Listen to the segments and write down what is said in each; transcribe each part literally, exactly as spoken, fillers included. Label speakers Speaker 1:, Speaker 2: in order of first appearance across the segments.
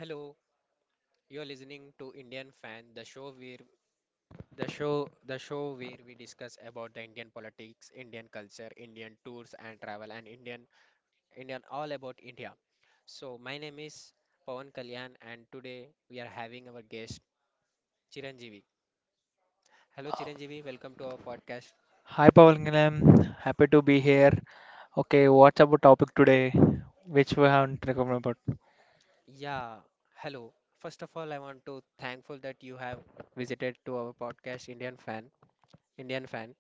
Speaker 1: Hello, you're listening to Indian Fan, the show where the show the show where we discuss about the Indian politics, Indian culture, Indian tours and travel, and Indian Indian all about India. So my name is Pawan Kalyan, and today we are having our guest Chiranjeevi. Hello,
Speaker 2: Uh,
Speaker 1: Chiranjeevi, welcome to our podcast.
Speaker 2: Hi Pavangalam, happy to be here. Okay, what's about topic today, which we haven't recovered about?
Speaker 1: Yeah, hello. First of all, I want to thankful that you have visited to our podcast Indian Fan. Indian Fan.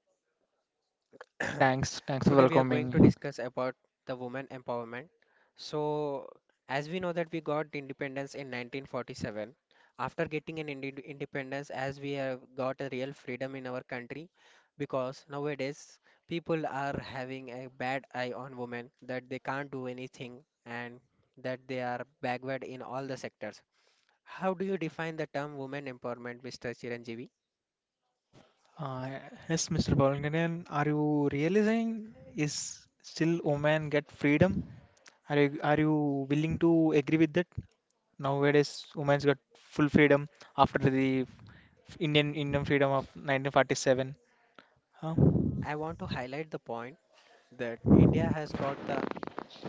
Speaker 2: Thanks, thanks for
Speaker 1: Today we are going to
Speaker 2: welcoming.
Speaker 1: discuss about the women empowerment. So, as we know that we got the independence in nineteen forty-seven. After getting an indi independence, as we have got a real freedom in our country, because nowadays people are having a bad eye on women that they can't do anything and that they are backward in all the sectors. How do you define the term women empowerment, mister Chiranjeevi?
Speaker 2: Uh, yes, Mister Pavangalam, are you realizing is still women get freedom? Are you, are you willing to agree with that? Nowadays, women's got full freedom after the Indian Indian freedom of nineteen forty-seven. Huh?
Speaker 1: I want to highlight the point that India has got the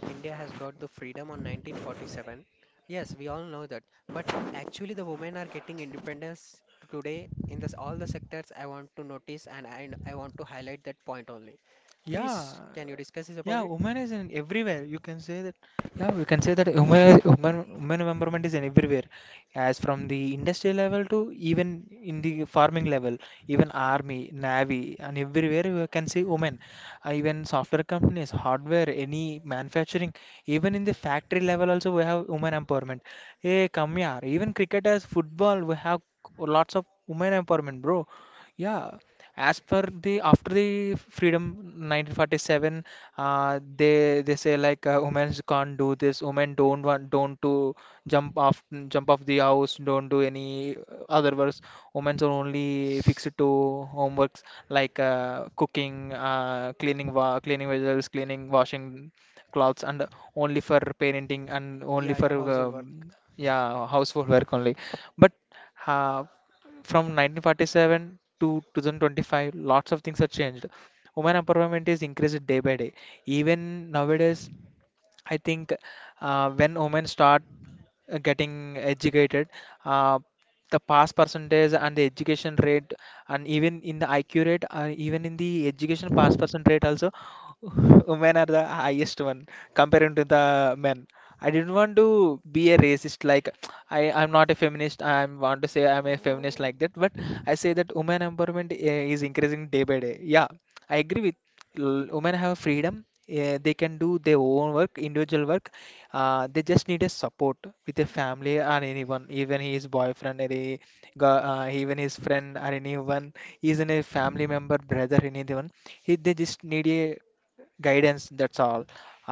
Speaker 1: India has got the freedom on nineteen forty-seven. Yes, we all know that. But actually, the women are getting independence today in this all the sectors. I want to notice and I, I want to highlight that point only.
Speaker 2: Yeah,
Speaker 1: Please, can you discuss this about
Speaker 2: Yeah,
Speaker 1: it?
Speaker 2: women is in everywhere. You can say that. Yeah, you can say that women, women, women empowerment is in everywhere, as from the industry level to even in the farming level, even army, navy, and everywhere you can see women. Uh, even software companies, hardware, any manufacturing, even in the factory level also we have women empowerment. Hey, come here. Even cricketers, football, we have lots of women empowerment, bro. Yeah, as per the after the freedom nineteen forty-seven uh, they they say like uh, women can't do this, women don't want don't to jump off jump off the house, don't do any other works. Women are only fixed to homeworks like uh, cooking, uh, cleaning wa- cleaning vegetables, cleaning, washing clothes, and only for parenting, and only
Speaker 1: Yeah,
Speaker 2: for
Speaker 1: yeah, household work.
Speaker 2: um, yeah, household work only. But uh, from nineteen forty-seven to twenty twenty-five, lots of things have changed. Women empowerment is increased day by day. Even nowadays, I think uh, when women start uh, getting educated, uh, the pass percentage and the education rate, and even in the I Q rate, uh, even in the education pass percent rate also women are the highest one comparing to the men. I didn't want to be a racist like I I'm not a feminist, I want to say I'm a feminist
Speaker 1: Oh,
Speaker 2: like that, but I say that women empowerment uh, is increasing day by day. Yeah, I agree with. L- women have freedom. Eh, they can do their own work, individual work. Uh, they just need a support with a family or anyone, even his boyfriend, or a gu- uh, even his friend or anyone, even a family member, brother, anyone. He, they just need a guidance, that's all.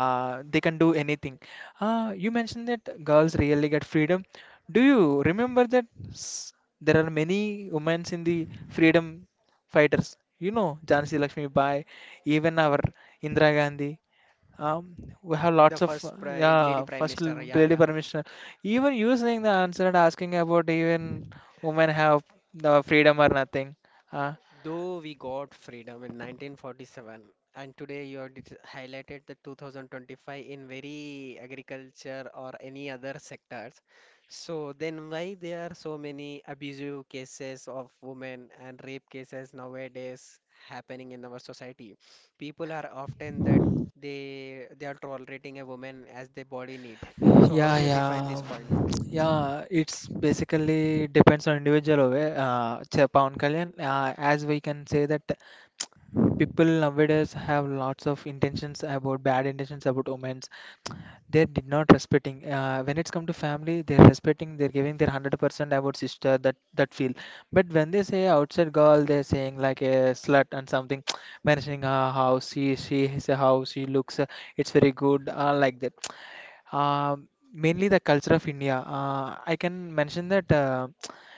Speaker 2: uh, They can do anything. Uh, you mentioned that girls really get freedom. Do you remember that? s- there are many women in the freedom fighters, you know, Jhansi Lakshmi Bai, even our Indira Gandhi. um, we have
Speaker 1: the
Speaker 2: lots of uh,
Speaker 1: first pri lady
Speaker 2: yeah,
Speaker 1: prime
Speaker 2: first l-
Speaker 1: minister. Yeah,
Speaker 2: really
Speaker 1: yeah.
Speaker 2: permission. Even you saying the answer and asking about, even women have the freedom or nothing. Uh,
Speaker 1: Though we got freedom in nineteen forty-seven, and today you have dis- highlighted the two thousand twenty-five in very agriculture or any other sectors. So then why there are so many abusive cases of women and rape cases nowadays happening in our society? People are often that they they are tolerating a woman as their body need. So how
Speaker 2: Yeah,
Speaker 1: do you define
Speaker 2: yeah,
Speaker 1: this point?
Speaker 2: yeah. It's basically depends on individual. over, Uh, Ch- Pawan Kalyan, uh, as we can say that people nowadays have lots of intentions, about bad intentions about women. They did not respecting. Uh, when it's come to family, they're respecting. They're giving their hundred percent about sister, that that feel. But when they say outside girl, they're saying like a slut and something, mentioning her how she she is, how she looks. uh, It's very good. Uh, like that. Um, Mainly the culture of India. Uh, I can mention that uh,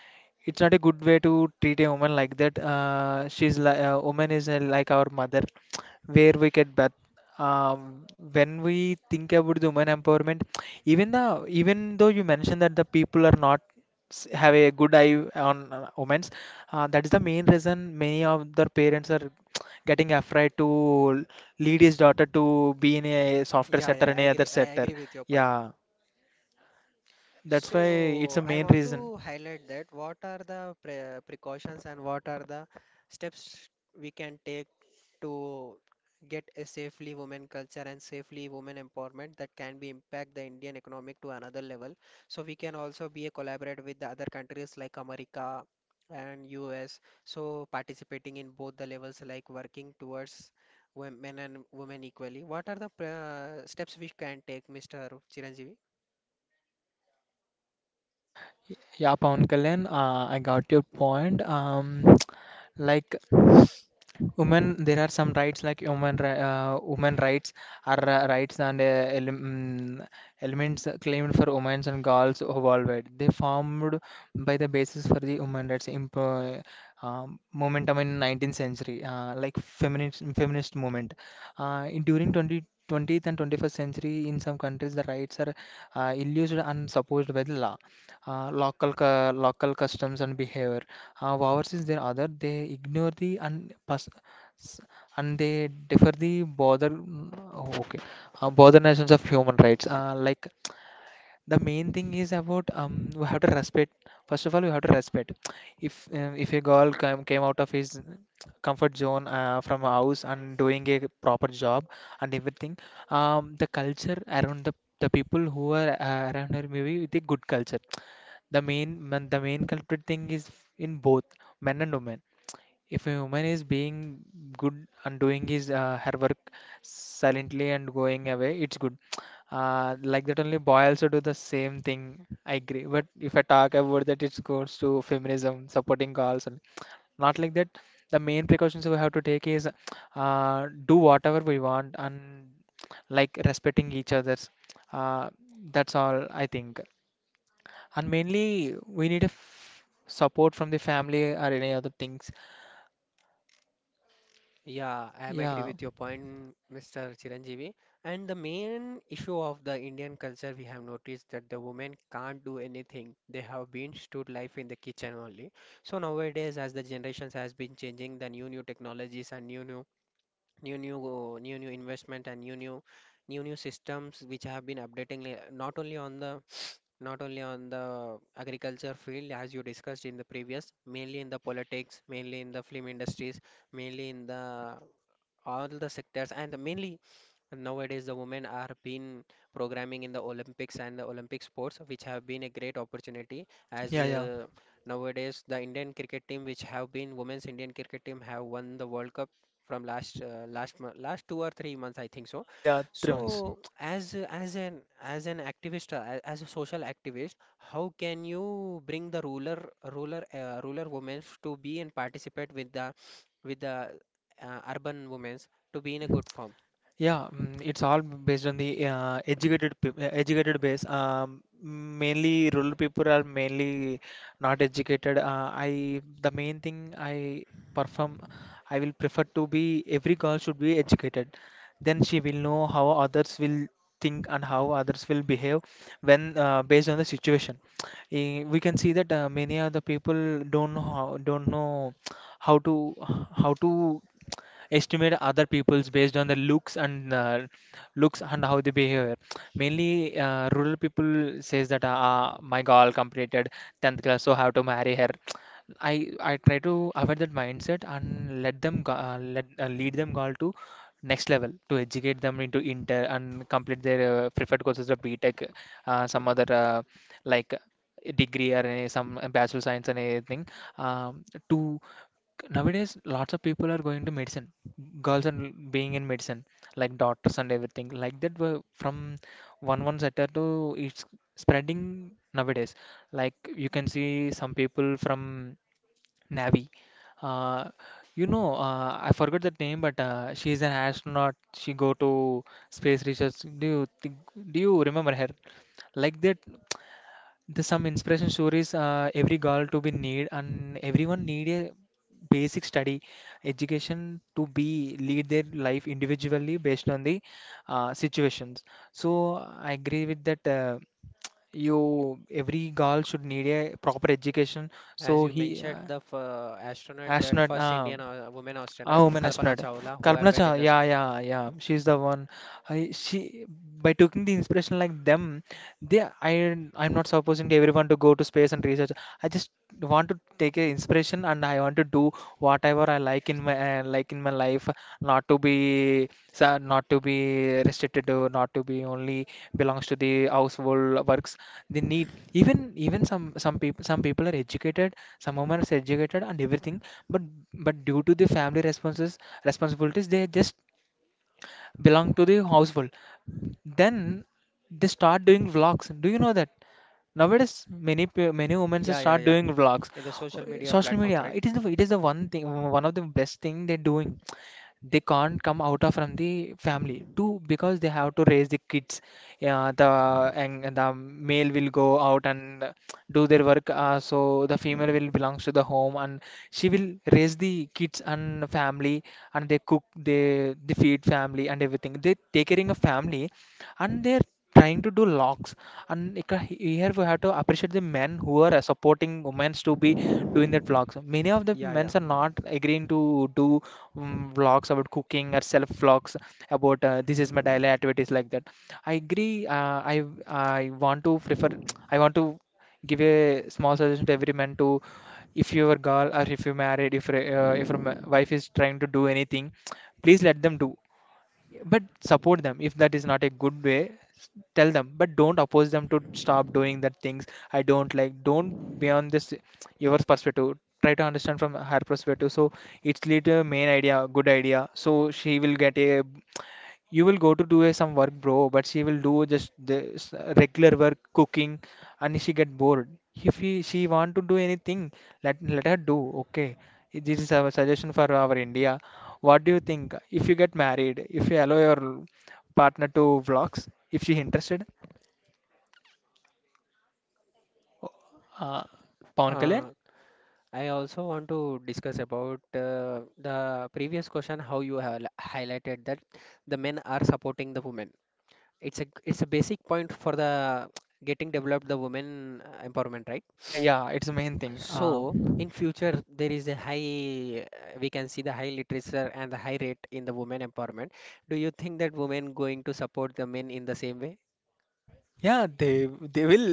Speaker 2: it's not a good way to treat a woman like that. Uh, she's like uh, woman is uh, like our mother, where we get birth. Um, when we think about the women empowerment, even the, even though you mentioned that the people are not s- have a good eye on uh, women's, uh, that is the main reason many of their parents are getting afraid to lead his daughter to be in a softer
Speaker 1: Yeah,
Speaker 2: sector
Speaker 1: yeah,
Speaker 2: and
Speaker 1: I
Speaker 2: a other
Speaker 1: agree. I
Speaker 2: sector.
Speaker 1: agree with your point.
Speaker 2: Yeah. That's why it's a
Speaker 1: So I
Speaker 2: main
Speaker 1: want
Speaker 2: reason.
Speaker 1: to highlight that what are the pre precautions and what are the steps we can take to get a safely women culture and safely women empowerment that can be impact the Indian economic to another level. So we can also be a collaborate with the other countries like America and U S. So participating in both the levels like working towards women and women equally. What are the pre steps we can take, mister Chiranjeevi?
Speaker 2: Yeah, Pawan Kalyan, uh, I got your point. Um, like women, there are some rights like human ri uh, women rights are uh, rights and uh, ele mm, elements claimed for women and girls worldwide. They formed by the basis for the human rights. Imp um, Momentum in nineteenth century, uh, like feminist feminist movement. Uh, in, during twenty twentieth and twenty-first century, in some countries, the rights are uh, illusory and supposed by the law, uh, local cu- local customs and behavior. Uh, overseas, there other they ignore the and pers- s- and they defer the bother. Okay, uh, bother nations of human rights, uh, like the main thing is about, um we have to respect, first of all we have to respect, if um, if a girl came, came out of his comfort zone uh, from house and doing a proper job and everything. Um, the culture around the the people who are uh, around her maybe with a good culture. The main man- the main culprit thing is in both men and women. If a human is being good and doing his uh, her work silently and going away, it's good. Uh, like that only boy also do the same thing. I agree. But if I talk about that, it goes to feminism, supporting girls, and not like that. The main precautions we have to take is uh, do whatever we want, and like respecting each other's. Uh, that's all I think. And mainly we need a f support from the family or any other things.
Speaker 1: Yeah, I am agree
Speaker 2: Yeah,
Speaker 1: with your point, mister Chiranjeevi. And the main issue of the Indian culture, we have noticed that the women can't do anything. They have been stood life in the kitchen only. So nowadays, as the generations has been changing, the new new technologies and new new new new uh, new new investment and new new new new systems which have been updating li- not only on the not only on the agriculture field as you discussed in the previous, mainly in the politics, mainly in the film industries, mainly in the all the sectors, and mainly nowadays, the women are been programming in the Olympics and the Olympic sports, which have been a great opportunity. As
Speaker 2: Yeah, yeah,
Speaker 1: uh, Nowadays, the Indian cricket team, which have been women's Indian cricket team, have won the World Cup from last uh, last mo- last two or three months, I think so.
Speaker 2: uh, yeah, three months.
Speaker 1: So, as a- as an as an activist, uh, a- as a social activist, how can you bring the ruler ruler uh, ruler women to be and participate with the with the uh, urban women's to be in a
Speaker 2: Mm,
Speaker 1: good form?
Speaker 2: Yeah, mm, it's all based on the uh, educated peop- uh, educated base. Um, mainly rural people are mainly not educated. Uh, I The main thing I perform, I will prefer to be every girl should be educated. Then she will know how others will think and how others will behave when, uh, based on the situation. Eh, we can see that uh, many other people don't know how, don't know how to how to estimate other people's based on their looks and, uh, looks and how they behave. Mainly uh, rural people says that, ah, my girl completed tenth class, so have to marry her. I i try to avoid that mindset, and let them go- uh, let uh, lead them girl to next level, to educate them into inter and complete their uh, preferred courses of btech, uh, some other uh, like degree or any, some bachelor science and anything. Um, to Nowadays lots of people are going to medicine. Girls are being in medicine, like doctors and everything like that. Were from one one sector to, it's spreading nowadays. Like you can see some people from Navi. Uh, you know, uh, I forgot the name, but uh, she is an astronaut. She go to space research. Do you think, do you remember her? Like that, there's some inspiration stories. Uh, every girl to be need, and everyone need a basic study, education to be lead their life individually based on the uh, situations. So I agree with that. Uh, you, every girl should need a proper education
Speaker 1: As
Speaker 2: so
Speaker 1: you
Speaker 2: he uh,
Speaker 1: mentioned, the f- uh, astronaut, that
Speaker 2: Astronaut,
Speaker 1: first Indian
Speaker 2: um,
Speaker 1: uh, woman astronaut,
Speaker 2: a woman
Speaker 1: Kalpana
Speaker 2: astronaut.
Speaker 1: Chawla, who had
Speaker 2: Kalpana
Speaker 1: went in
Speaker 2: Chawla,
Speaker 1: this,
Speaker 2: yeah, yeah, yeah. She's the one. I, she, by taking the inspiration like them, they I I'm not supposing to everyone to go to space and research. I just want to take a inspiration, and I want to do whatever I like in my uh, like in my life. Not to be sa- not to be restricted, to not to be only belongs to the household works. They need, even even some some people some people are educated, some women are educated and everything, but but due to the family responses responsibilities, they just belong to the household. Then they start doing vlogs. Do you know that? Nowadays many pe- many women
Speaker 1: yeah, yeah,
Speaker 2: start
Speaker 1: yeah,
Speaker 2: doing vlogs.
Speaker 1: in the social media
Speaker 2: Social
Speaker 1: platforms,
Speaker 2: media,
Speaker 1: right?
Speaker 2: it is the, it is the one thing, one of the best thing they're doing. They can't come out of from the family too, because they have to raise the kids. Yeah, the, and and the male will go out and do their work, uh, so the female will belongs to the home, and she will raise the kids and family. And they cook, they they feed family and everything, they take care of family, and they're trying to do locks. And it ca- here we have to appreciate the men who are uh, supporting women to be doing that vlogs. Many of the
Speaker 1: Yeah,
Speaker 2: men
Speaker 1: yeah.
Speaker 2: are not agreeing to do um, vlogs about cooking, or self vlogs about, uh, this is my daily activities, like that. I agree. Uh, i i want to prefer, I want to give a small suggestion to every man: to if your girl, or if you married, if your, uh, if your ma- wife is trying to do anything, please let them do. But support them. If that is not a good way, s- tell them, but don't oppose them to stop doing that things. I don't like, don't be on this your perspective, try to understand from her perspective, so it's lead to main idea, good idea. So she will get a, you will go to do a, some work, bro, but she will do just this uh, regular work, cooking, and she get bored. If he, she want to do anything, let let her do. Okay, this is our suggestion. For our India, what do you think if you get married, if you allow your partner to vlogs if she interested? uh, Pawan Kalyan.
Speaker 1: Uh, I also want to discuss about uh, the previous question, how you have highlighted that the men are supporting the women. It's a it's a basic point for the getting developed the women uh, empowerment, right?
Speaker 2: Uh, yeah, it's the main thing. Uh,
Speaker 1: So in future, there is a high, uh, we can see the high literature and the high rate in the women empowerment. Do you think that women going to support the men in the same way?
Speaker 2: yeah, they they will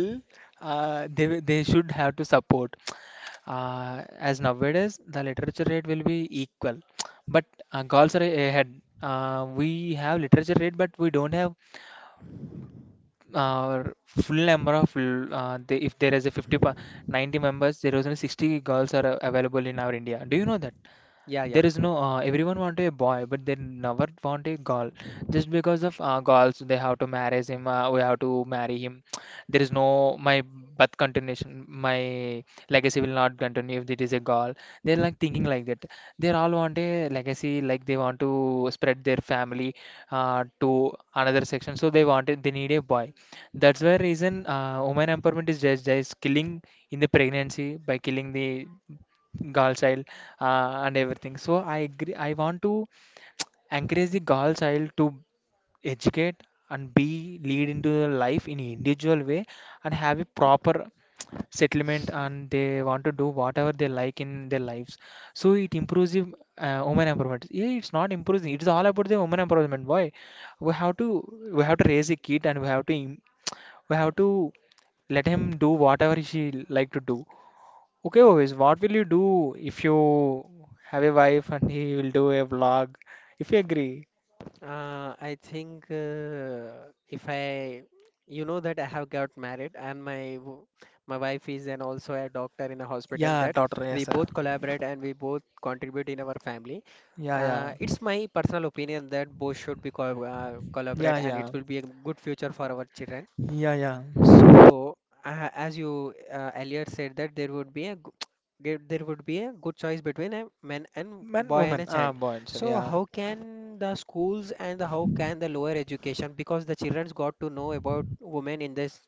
Speaker 2: uh, they will- They should have to support. Uh, as nowadays the literature rate will be equal, but uh, girls are ahead. Uh, we have literature rate, but we don't have uh, full number of l- uh, the, if there is a fifty pa, ninety members, there is only sixty girls are uh, available in our India, do you know that?
Speaker 1: Yeah, yeah.
Speaker 2: There is no uh, everyone want a boy, but they never want a girl. Just because of uh, girls, they have to marry him. Uh, we have to marry him. There is no my birth continuation. My legacy will not continue if it is a girl. They're like thinking like that. They all want a legacy, like they want to spread their family uh, to another section. So they wanted they need a boy. That's why reason uh, women empowerment is just just killing in the pregnancy by killing the girl child uh, and everything. So I agree. I want to encourage the girl child to educate and be lead into the life in individual way and have a proper settlement, and they want to do whatever they like in their lives. So it improves the uh, women empowerment. Yeah, it's not improving. It's all about the women empowerment. Why? We have to we have to raise a kid, and we have to im- we have to let him do whatever she like to do. Okay, always. What will you do if you have a wife and he will do a vlog? If you agree.
Speaker 1: Uh, I think uh, if I, you know that I have got married and my w- my wife is and also a doctor in a hospital
Speaker 2: Yeah,
Speaker 1: that
Speaker 2: daughter.
Speaker 1: we
Speaker 2: Yes, sir.
Speaker 1: both collaborate and we both contribute in our family.
Speaker 2: Yeah,
Speaker 1: Uh,
Speaker 2: yeah,
Speaker 1: it's my personal opinion that both should be co uh,
Speaker 2: yeah,
Speaker 1: collaborate and it
Speaker 2: yeah,
Speaker 1: will be a good future for our children.
Speaker 2: yeah, yeah.
Speaker 1: So, uh, as you uh, earlier said that there would be a g- ge- there would be a good choice between a man and
Speaker 2: Man,
Speaker 1: boy and
Speaker 2: woman.
Speaker 1: a
Speaker 2: Ah,
Speaker 1: child.
Speaker 2: boy, sir.
Speaker 1: So,
Speaker 2: Yeah,
Speaker 1: how can the schools and the, how can the lower education because the children's got to know about women in this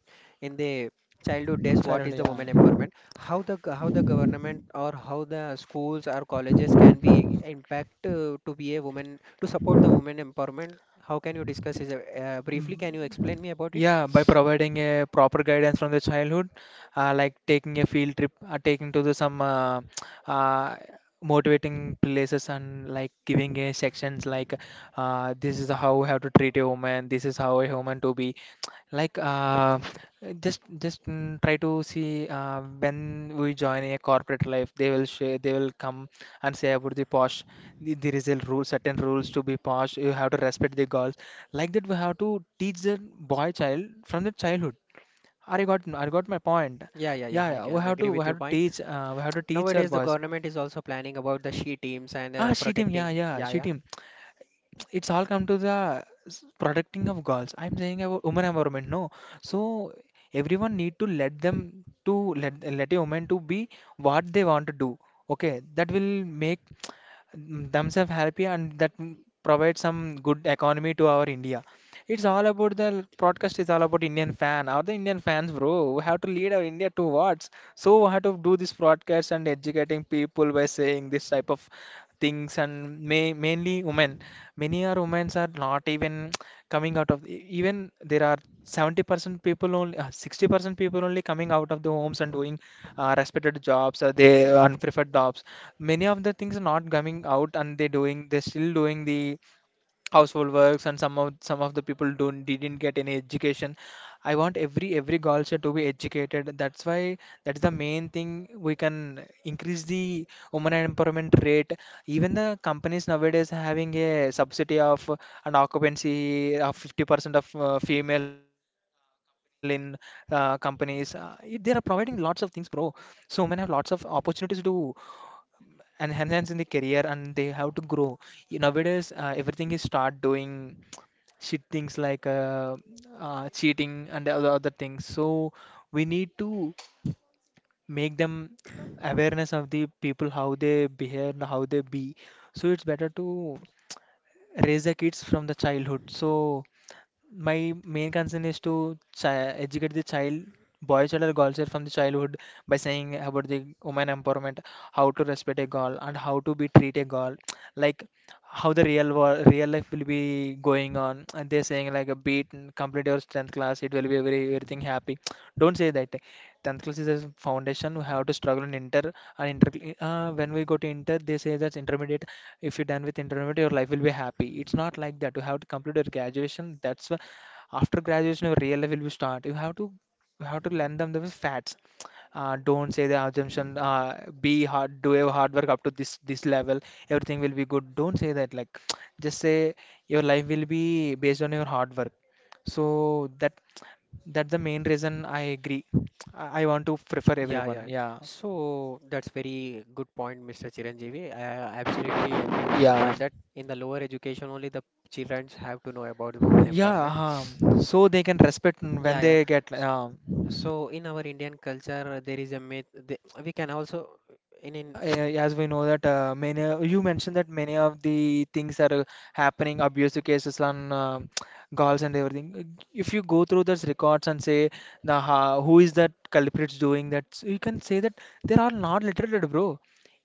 Speaker 1: in the childhood days what
Speaker 2: childhood.
Speaker 1: is the women
Speaker 2: Yeah.
Speaker 1: empowerment? How the g- how the government or how the schools or colleges can be impact uh, to be a woman to support the women empowerment? How can you discuss is uh, briefly? Can you explain me about it?
Speaker 2: Yeah, by providing a proper guidance from the childhood, uh, like taking a field trip, uh, taking to the some uh, uh, motivating places, and like giving a sections like uh, this is how you have to treat a woman, this is how a woman to be. like uh, just just mm, try to see uh, when we join a corporate life, they will share, they will come and say about the posh. the- There is a rule, certain rules to be posh. You have to respect the girls. Like that, we have to teach the boy child from the childhood. I got I got my point.
Speaker 1: Yeah, yeah, yeah.
Speaker 2: Yeah,
Speaker 1: I
Speaker 2: yeah. We
Speaker 1: can
Speaker 2: have
Speaker 1: agree
Speaker 2: to we
Speaker 1: with
Speaker 2: have
Speaker 1: your
Speaker 2: to
Speaker 1: point.
Speaker 2: teach uh, we have to teach our
Speaker 1: Nowadays, the
Speaker 2: boys.
Speaker 1: government is also planning about the she teams and
Speaker 2: Ah,
Speaker 1: uh,
Speaker 2: she team. Yeah,
Speaker 1: protecting.
Speaker 2: yeah,
Speaker 1: Yeah,
Speaker 2: she
Speaker 1: yeah,
Speaker 2: team. it's all come to the s- protecting of girls. I'm saying about women empowerment, no. So everyone need to let them to let let a woman to be what they want to do. Okay, that will make mm, themselves happy, and that mm, provide some good economy to our India. It's all about the broadcast is all about Indian fan. Are the Indian fans, bro? We have to lead our India towards. So we have to do this broadcast and educating people by saying this type of things, and may, mainly women, many are women are not even coming out of e- even there are seventy percent people only uh, sixty percent people only coming out of the homes and doing uh, respected jobs or they unpreferred jobs. Many of the things are not coming out, and they doing they're still doing the household works, and some of some of the people don't didn't get any education. I want every every girl child to be educated. That's why that's the main thing we can increase the women empowerment rate. Even the companies nowadays are having a subsidy of uh, an occupancy of fifty percent of uh, female in uh, companies. Uh, it, they are providing lots of things, bro. So women have lots of opportunities to and enhance in the career, and they have to grow. Y- nowadays uh, everything is start doing shit things like uh, uh, cheating and other other things. So we need to make them awareness of the people how they behave and how they be. So it's better to raise the kids from the childhood. So my main concern is to chi educate the child, boy child or girl child from the childhood by saying about the woman empowerment, how to respect a girl and how to be treat a girl, like how the real world, real life will be going on. And they're saying like a beat, and complete your strength class, it will be very everything happy. Don't say that. tenth class is a foundation. We have to struggle in inter and inter. Uh, when we go to inter, they say that's intermediate. If you're done with intermediate, your life will be happy. It's not like that. You have to complete your graduation. That's why after graduation, your real life will be start. You have to you have to learn them the facts. Uh, don't say the assumption. Uh, be hard. Do your hard work up to this this level. Everything will be good. Don't say that. Like just say your life will be based on your hard work, so that that's the main reason I agree. I I want to prefer
Speaker 1: yeah,
Speaker 2: everyone.
Speaker 1: yeah.
Speaker 2: Yeah.
Speaker 1: So that's very good point, mister Chiranjeevi. I I absolutely agree with your
Speaker 2: Yeah,
Speaker 1: point that in the lower education only the children have to know about women empowerment.
Speaker 2: yeah, um, so they can respect when
Speaker 1: Yeah, yeah.
Speaker 2: they get.
Speaker 1: S-
Speaker 2: um,
Speaker 1: So in our Indian culture, there is a myth. The, we can also in in
Speaker 2: Yeah, a- as we know that uh, many you mentioned that many of the things that are happening, abuse cases on uh, girls and everything. If you go through those records and say the ha who is that culprits doing that, so you can say that they are not literate, bro.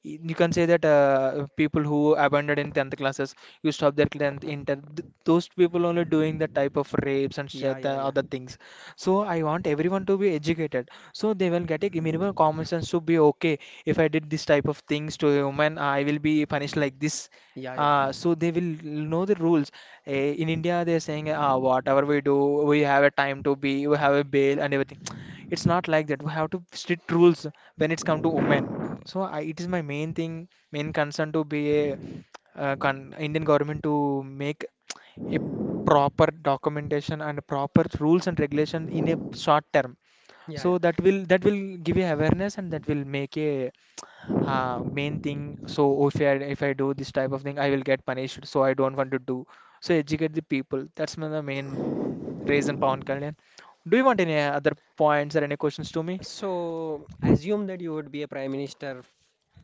Speaker 2: Y- You can say that uh, people who abandoned in tenth classes, you stop their tenth inter, th those people only doing that type of rapes and
Speaker 1: yeah,
Speaker 2: shit, the
Speaker 1: yeah, yeah,
Speaker 2: other things. So I want everyone to be educated. So they will get a minimum common sense to be okay. If I did this type of things to a woman, I will be punished like this.
Speaker 1: yeah, yeah,
Speaker 2: Uh, so they will know the rules. Eh, in India, they're saying, ah, whatever we do, we have a time to be, we have a bail and everything. It's not like that. We have to strict rules when it's come to women. So I, it is my main thing, main concern to be a uh, con Indian government to make a proper documentation and proper rules and regulation in a short term,
Speaker 1: yeah, yeah.
Speaker 2: so that will that will give you awareness, and that will make a uh, main thing. So if I if I do this type of thing, I will get punished, so I don't want to do. So educate the people. That's my- the main reason, Pawan Kalyan. Do you want any other points or any questions to me?
Speaker 1: So assume that you would be a prime minister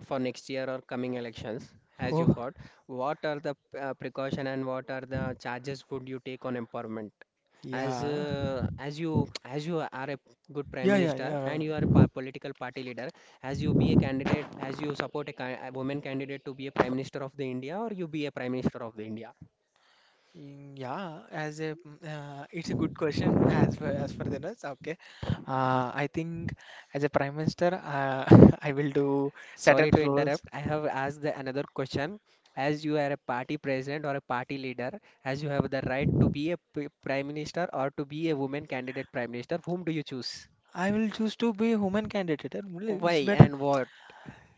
Speaker 1: for next year or coming elections as you
Speaker 2: Oh,
Speaker 1: got what are the uh, precaution and what are the charges would you take on empowerment as
Speaker 2: yeah,
Speaker 1: uh, as you as you are a good prime
Speaker 2: yeah, yeah,
Speaker 1: minister
Speaker 2: yeah.
Speaker 1: and you are a par- political party leader, as you be a candidate as you support a, ca- a woman candidate to be a prime minister of the india or you be a prime minister of the india.
Speaker 2: Mm, Yeah, as a mm, uh, it's a good question, as for as for the nurse. Okay, uh, I think as a prime minister, uh, I will do
Speaker 1: Sorry
Speaker 2: certain
Speaker 1: to
Speaker 2: roles.
Speaker 1: interrupt. I have asked the another question. As you are a party president or a party leader, as you have the right to be a p- prime minister or to be a woman candidate prime minister, whom do you choose?
Speaker 2: I will choose to be human candidate. Uh, really, it's
Speaker 1: Why
Speaker 2: better.
Speaker 1: and what?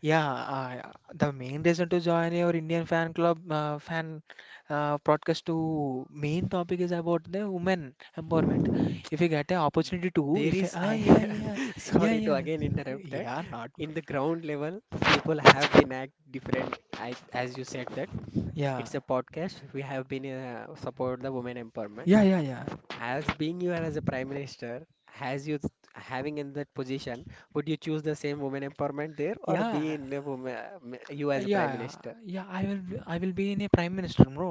Speaker 2: Yeah, uh, the main reason to join your Indian fan club, uh, fan uh, broadcast to main topic is about the women empowerment. If you get an opportunity to,
Speaker 1: There
Speaker 2: if
Speaker 1: is,
Speaker 2: ah,
Speaker 1: I
Speaker 2: yeah, yeah, yeah,
Speaker 1: sorry to
Speaker 2: yeah,
Speaker 1: again interrupt that.
Speaker 2: yeah, not
Speaker 1: In
Speaker 2: bro.
Speaker 1: the ground level, people have been act different. I, as you said that
Speaker 2: Yeah,
Speaker 1: it's a podcast. We have been uh, support the women empowerment.
Speaker 2: yeah, yeah, yeah.
Speaker 1: As being you are as a prime minister, has you th- having in that position, would you choose the same women empowerment there or be
Speaker 2: Yeah,
Speaker 1: in a woman, you
Speaker 2: Uh,
Speaker 1: as a
Speaker 2: Yeah,
Speaker 1: prime minister?
Speaker 2: yeah, I will I will be in a prime minister, bro.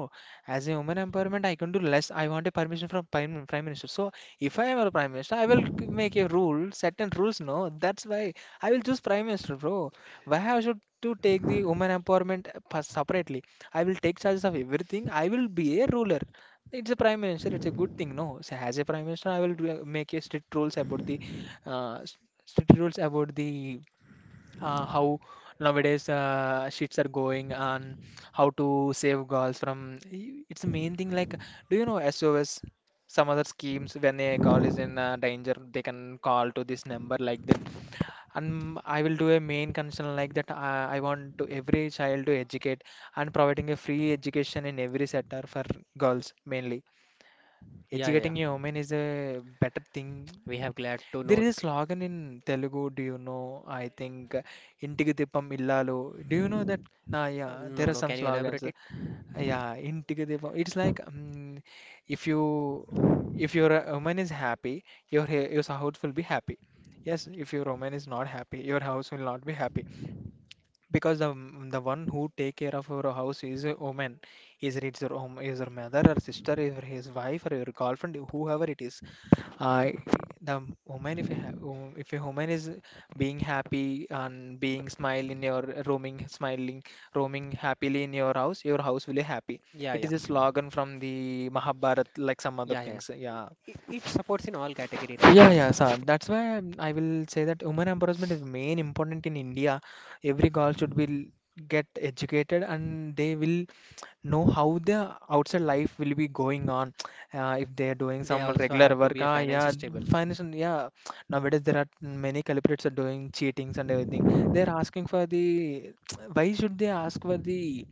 Speaker 2: As a woman empowerment, I can do less. I want a permission from prime prime minister. So if I am a prime minister, I will g- make a rule, certain rules. No, that's why I will choose prime minister, bro. Why I should to take the woman empowerment uh, pa- separately? I will take charges of everything. I will be a ruler. It's a prime minister. It's a good thing. No, so as a prime minister, I will do- make a strict rules about the uh, strict rules about the uh, how nowadays uh, shits are going, and how to save girls from y- it's the main thing. Like, do you know S O S, some other schemes when a girl is in uh, danger, they can call to this number like that. And I will do a main concern like that. uh, I want to every child to educate and providing a free education in every sector for girls mainly.
Speaker 1: Yeah, yeah,
Speaker 2: Educating a
Speaker 1: yeah.
Speaker 2: woman is a better thing.
Speaker 1: We have glad to
Speaker 2: There
Speaker 1: know.
Speaker 2: is a slogan in Telugu, do you know? I think uh, ఇంటికి దీపం ఇల్లాలు. Do you know that? Nah, yeah, there
Speaker 1: No,
Speaker 2: are
Speaker 1: no.
Speaker 2: some
Speaker 1: Can you
Speaker 2: slogans.
Speaker 1: elaborate it?
Speaker 2: Yeah, ఇంటికి దీపం. It's like um, if you if your uh, woman is happy, your ha- your house will be happy. Yes, if your woman is not happy, your house will not be happy because the the one who take care of your house is a woman. Is it your home is your mother or sister is your his wife or your girlfriend, whoever it is. uh, the woman, if a, ha- wo- if a woman is being happy and being smile in your roaming smiling, roaming happily in your house, your house will be happy.
Speaker 1: Yeah,
Speaker 2: It is
Speaker 1: yeah,
Speaker 2: a slogan from the Mahabharat, like some other
Speaker 1: yeah, yeah.
Speaker 2: things. Yeah.
Speaker 1: It, it supports in all category, right?
Speaker 2: Yeah, yeah, sir. That's why I'm- I will say that women empowerment is main important in India. Every girl should be l- get educated and they will know how the outside life will be going on. Uh, if they are doing
Speaker 1: They
Speaker 2: some
Speaker 1: also
Speaker 2: regular
Speaker 1: have to
Speaker 2: work,
Speaker 1: be a
Speaker 2: ah, yeah,
Speaker 1: financially stable.
Speaker 2: financial, yeah. Nowadays there are many culprits are doing cheatings and everything. They are asking for the, why should they ask for the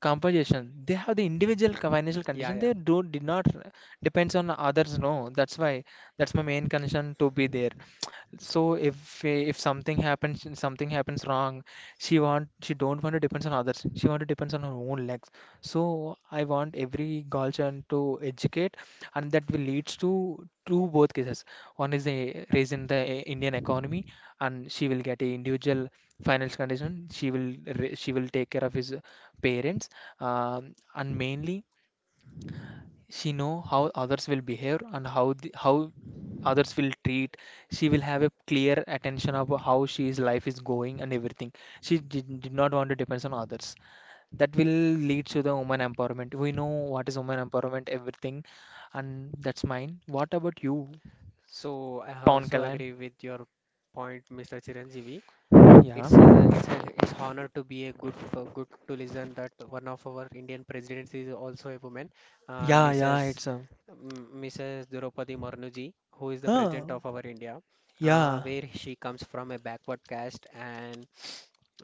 Speaker 2: compensation? They have the individual co- financial
Speaker 1: Yeah,
Speaker 2: condition.
Speaker 1: yeah.
Speaker 2: They do did not uh, depends on others. No, that's why. That's my main concern to be there. So if if something happens, something happens wrong, she want she don't want to depends on others. She want to depends on her own legs. So I want every guardian to educate, and that will leads to to both cases. One is a raise in the Indian economy, and she will get a individual financial condition. She will ra- she will take care of his parents, um, and mainly she know how others will behave and how the, how others will treat. She will have a clear attention of how she's life is going and everything. She did, did not want to depend on others. That will lead to the woman empowerment. We know what is woman empowerment, everything. And that's mine. What about you,
Speaker 1: So I
Speaker 2: Pawan
Speaker 1: also
Speaker 2: Kalan?
Speaker 1: agree with your point, mister Chiranjeevi.
Speaker 2: Yeah.
Speaker 1: It's a, it's a it's honor to be a good uh, good to listen that one of our Indian presidents is also a woman, uh,
Speaker 2: Yeah. Yeah,
Speaker 1: missus
Speaker 2: it's a.
Speaker 1: M- missus Draupadi Murmu ji, who is the
Speaker 2: Huh.
Speaker 1: president of our India, uh,
Speaker 2: Yeah.
Speaker 1: where she comes from a backward caste and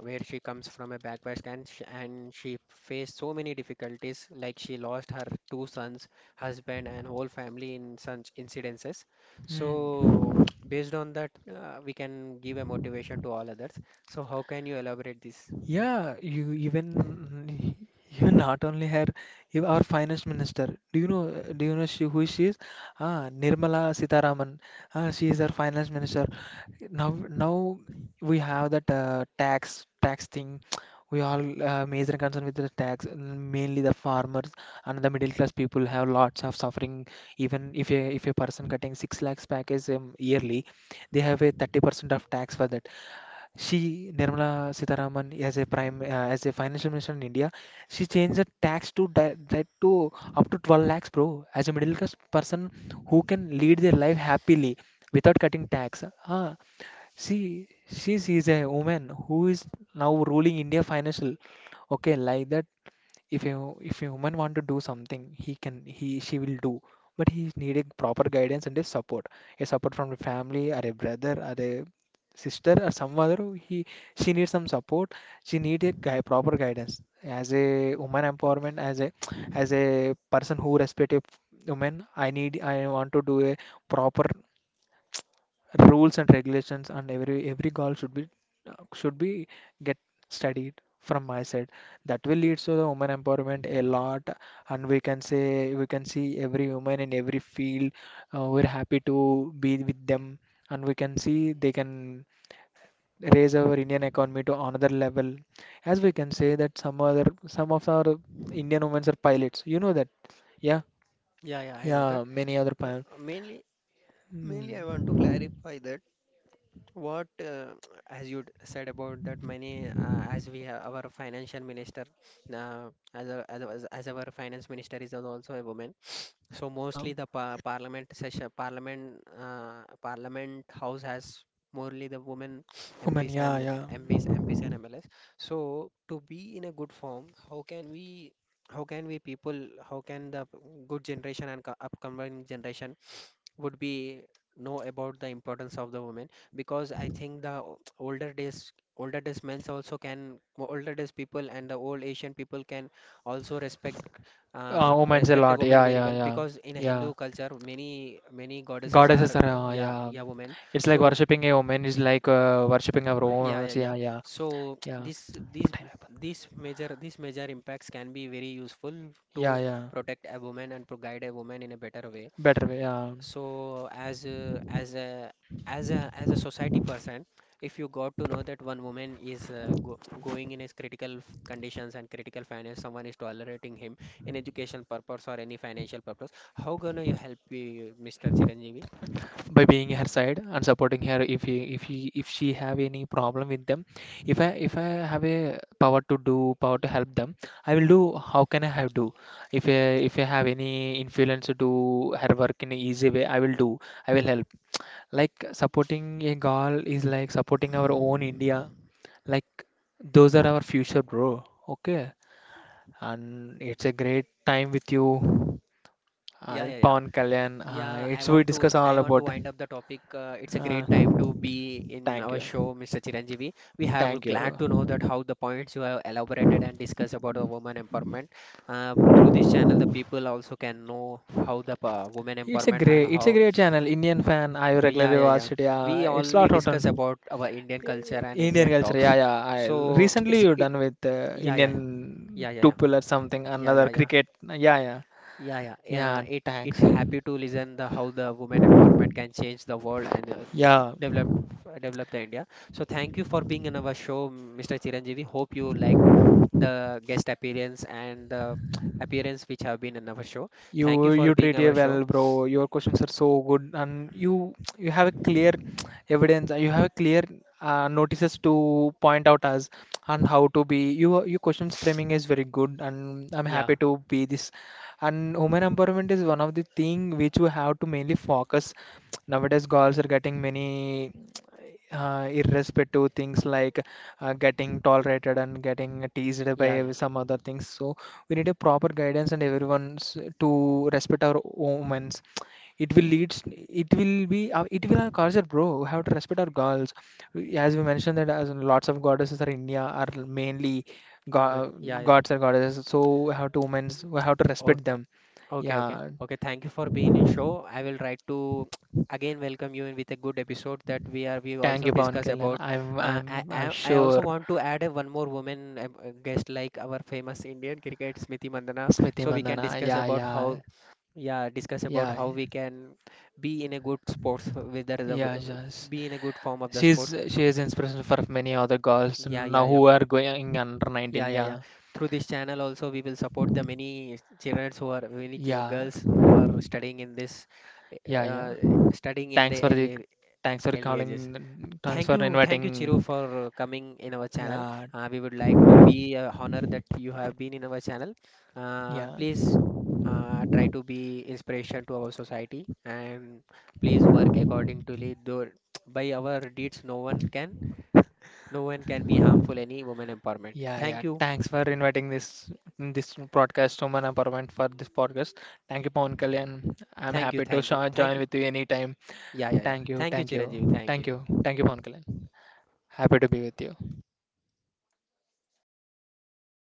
Speaker 1: where she comes from a backward, and she, and she faced so many difficulties like she lost her two sons, husband, and whole family in such incidences.
Speaker 2: Hmm.
Speaker 1: So based on that, uh, we can give a motivation to all others. So how can you elaborate this?
Speaker 2: Yeah, you even you not only her, you our finance minister. Do you know? Do you know she, who she is? Ah, Nirmala Sitharaman. Ah, she is our finance minister. Now, now we have that uh, tax tax thing. We all uh, major concern with the tax. Mainly the farmers and the middle class people have lots of suffering. Even if a if a person cutting six lakhs package um, yearly, they have a thirty percent of tax for that. She, Nirmala Sitharaman, as a prime, uh, as a financial minister in India, she changed the tax to that, that to up to twelve lakhs, bro. As a middle class person who can lead their life happily without cutting tax. Ah, she, she is a woman who is now ruling India financial. Okay, like that, if you if a woman want to do something, he can he she will do, but he is needing proper guidance and a support, a support from the family or a brother or a sister or some other. He She needs some support. She need a guy proper guidance as a woman empowerment, as a as a person who respect a woman. i need I want to do a proper rules and regulations, and every every goal should be should be get studied from my side. That will lead to the women empowerment a lot, and we can say we can see every woman in every field. Uh, we're happy to be with them, and we can see they can raise our Indian economy to another level. As we can say that some other some of our Indian women are pilots, you know that. Yeah.
Speaker 1: Yeah, yeah, I know that.
Speaker 2: Yeah, many other
Speaker 1: Uh,
Speaker 2: pilots.
Speaker 1: mainly, mainly, I want to
Speaker 2: Mm.
Speaker 1: clarify that what, uh, as you d- said about that many, uh, as we have our financial minister, uh, as, a, as, a- as our finance minister is also a woman. So
Speaker 2: Yeah,
Speaker 1: mostly the par parliament session, parliament, uh, parliament house has mostly the women
Speaker 2: women.
Speaker 1: MPs
Speaker 2: Yeah, yeah.
Speaker 1: and MPs, M Ps and M L S. So to be in a good form, how can we, how can we people, how can the good generation and co- upcoming generation would be know about the importance of the women because I think the o- older days older days men's also can older days people and the old Asian people can also respect
Speaker 2: Uh,
Speaker 1: uh,
Speaker 2: woman's a
Speaker 1: respect a
Speaker 2: lot.
Speaker 1: woman
Speaker 2: Yeah,
Speaker 1: very
Speaker 2: yeah,
Speaker 1: well
Speaker 2: yeah,
Speaker 1: because in a
Speaker 2: yeah.
Speaker 1: Hindu culture many many goddesses
Speaker 2: Goddesses
Speaker 1: are
Speaker 2: are, uh,
Speaker 1: yeah
Speaker 2: yeah.
Speaker 1: yeah women
Speaker 2: It's like
Speaker 1: so
Speaker 2: worshipping a woman is like uh, worshipping our own
Speaker 1: yeah
Speaker 2: owners.
Speaker 1: yeah
Speaker 2: Yeah,
Speaker 1: yeah
Speaker 2: yeah,
Speaker 1: so
Speaker 2: yeah.
Speaker 1: this these
Speaker 2: Time happened.
Speaker 1: these major these major impacts can be very useful to
Speaker 2: Yeah, yeah.
Speaker 1: protect a woman and to guide a woman in a better way.
Speaker 2: Better way. Yeah.
Speaker 1: So as a as a as a as a society person, if you got to know that one woman is uh, go, going in his critical f- conditions and critical finance, someone is tolerating him in education purpose or any financial purpose, how gonna you help you, mister Chiranjeevi?
Speaker 2: By being her side and supporting her if he, if he, if she have any problem with them. If I if I have a power to do power to help them, I will do. How can I have do? If I if I have any influence to do her work in an easy way, I will do. I will help. Like supporting a girl is like supporting our own India. Like those are our future, bro. Okay, and it's a great time with you, uh,
Speaker 1: Yeah, yeah, yeah.
Speaker 2: Pawan Kalyan. Uh,
Speaker 1: Yeah, I
Speaker 2: it's we
Speaker 1: want to
Speaker 2: discuss
Speaker 1: I
Speaker 2: all
Speaker 1: want to
Speaker 2: about.
Speaker 1: wind up the topic. Uh, it's a
Speaker 2: Uh,
Speaker 1: great time to be in
Speaker 2: thank
Speaker 1: our
Speaker 2: you,
Speaker 1: show, mister Chiranjeevi. We have
Speaker 2: thank
Speaker 1: glad
Speaker 2: you.
Speaker 1: to know that how the points you have elaborated and discussed about the woman empowerment. Uh, through this channel, the people also can know how the uh, women
Speaker 2: It's a
Speaker 1: empowerment and
Speaker 2: great, it's a
Speaker 1: how
Speaker 2: great channel. Indian fan, I
Speaker 1: yeah
Speaker 2: regularly
Speaker 1: yeah yeah.
Speaker 2: watch it. Yeah,
Speaker 1: We
Speaker 2: it's
Speaker 1: only
Speaker 2: lot of
Speaker 1: discuss
Speaker 2: fun.
Speaker 1: about our Indian culture and
Speaker 2: Indian
Speaker 1: Indian
Speaker 2: culture.
Speaker 1: talks.
Speaker 2: Yeah, yeah. I
Speaker 1: So
Speaker 2: recently
Speaker 1: it's
Speaker 2: you
Speaker 1: it
Speaker 2: done with uh,
Speaker 1: yeah yeah
Speaker 2: Indian
Speaker 1: yeah yeah yeah
Speaker 2: two
Speaker 1: yeah
Speaker 2: pillar something
Speaker 1: yeah
Speaker 2: another
Speaker 1: yeah yeah.
Speaker 2: cricket. Yeah, yeah.
Speaker 1: Yeah, yeah,
Speaker 2: Yeah,
Speaker 1: yeah. It it
Speaker 2: thanks.
Speaker 1: happy to listen the how the women empowerment can change the world and uh,
Speaker 2: Yeah,
Speaker 1: develop uh, develop the India. So thank you for being in our show, mister Chiranjeevi. Hope you like the guest appearance and the appearance which have been in our show. Thank
Speaker 2: you
Speaker 1: you for
Speaker 2: you
Speaker 1: being
Speaker 2: treat you
Speaker 1: our show.
Speaker 2: well, bro. Your questions are so good, and you you have a clear evidence. You have a clear uh, notices to point out as and how to be. You your questions framing is very good, and I'm
Speaker 1: Yeah,
Speaker 2: happy to be this. And women empowerment is one of the thing which we have to mainly focus. Nowadays, girls are getting many uh, irrespective things like uh, getting tolerated and getting teased by
Speaker 1: yeah, yeah.
Speaker 2: ev- some other things. So we need a proper guidance and everyone's to respect our women's. It will leads. It will be. Uh, it will our culture, bro. We have to respect our girls. We- As we mentioned that as lots of goddesses are India are mainly go
Speaker 1: Women. Yeah, yeah.
Speaker 2: gods or goddesses. So we have to women's. We have to respect them.
Speaker 1: Okay, okay.
Speaker 2: Yeah.
Speaker 1: Okay, thank you for being in show. I will try to again welcome you in with a good episode that we are we
Speaker 2: Thank
Speaker 1: also
Speaker 2: you, Pawan
Speaker 1: discuss
Speaker 2: Kalyan.
Speaker 1: about
Speaker 2: I'm
Speaker 1: uh, I,
Speaker 2: I'm I'm
Speaker 1: I I also
Speaker 2: sure.
Speaker 1: want to add a one more woman um, uh, guest like our famous Indian cricket Smriti Mandana
Speaker 2: Smriti
Speaker 1: so we can
Speaker 2: Mandhana.
Speaker 1: discuss
Speaker 2: Yeah,
Speaker 1: about how
Speaker 2: yeah,
Speaker 1: yeah discuss about
Speaker 2: yeah.
Speaker 1: how we can be in a good sports whether the w-
Speaker 2: Yeah,
Speaker 1: w-
Speaker 2: just
Speaker 1: be in a good form of the
Speaker 2: she's
Speaker 1: sports
Speaker 2: she is inspiration for many other girls
Speaker 1: yeah
Speaker 2: now
Speaker 1: yeah yeah.
Speaker 2: who are going under
Speaker 1: Yeah,
Speaker 2: nineteen.
Speaker 1: yeah, yeah.
Speaker 2: Yeah,
Speaker 1: Through this channel also, we will support the many children who are many ch-
Speaker 2: yeah,
Speaker 1: girls who are studying in this,
Speaker 2: yeah, yeah.
Speaker 1: uh, studying in
Speaker 2: Thanks
Speaker 1: the
Speaker 2: for
Speaker 1: early
Speaker 2: the thanks for
Speaker 1: early
Speaker 2: calling.
Speaker 1: ages.
Speaker 2: Thanks
Speaker 1: Thank
Speaker 2: for
Speaker 1: you, thank you, Chiru,
Speaker 2: inviting.
Speaker 1: for uh, coming in our channel.
Speaker 2: Yeah,
Speaker 1: Uh, we would like to be uh, honored that you have been in our channel. Uh,
Speaker 2: yeah,
Speaker 1: please uh, try to be inspiration to our society and please work accordingly. Though by our deeds, no one can, no one can be harmful any woman empowerment.
Speaker 2: yeah, yeah.
Speaker 1: Thank you.
Speaker 2: Thanks for inviting this this broadcast woman empowerment for this podcast. Thank you, Pawan Kalyan. I'm
Speaker 1: Thank you,
Speaker 2: happy to
Speaker 1: thank you,
Speaker 2: sho-
Speaker 1: thank
Speaker 2: join
Speaker 1: you.
Speaker 2: with you anytime.
Speaker 1: Yeah, yeah, yeah.
Speaker 2: Thank you,
Speaker 1: Thank you,
Speaker 2: thank you,
Speaker 1: Chiranjeev. Thank
Speaker 2: thank
Speaker 1: you.
Speaker 2: you, thank you, Pawan Kalyan. Happy to be with you.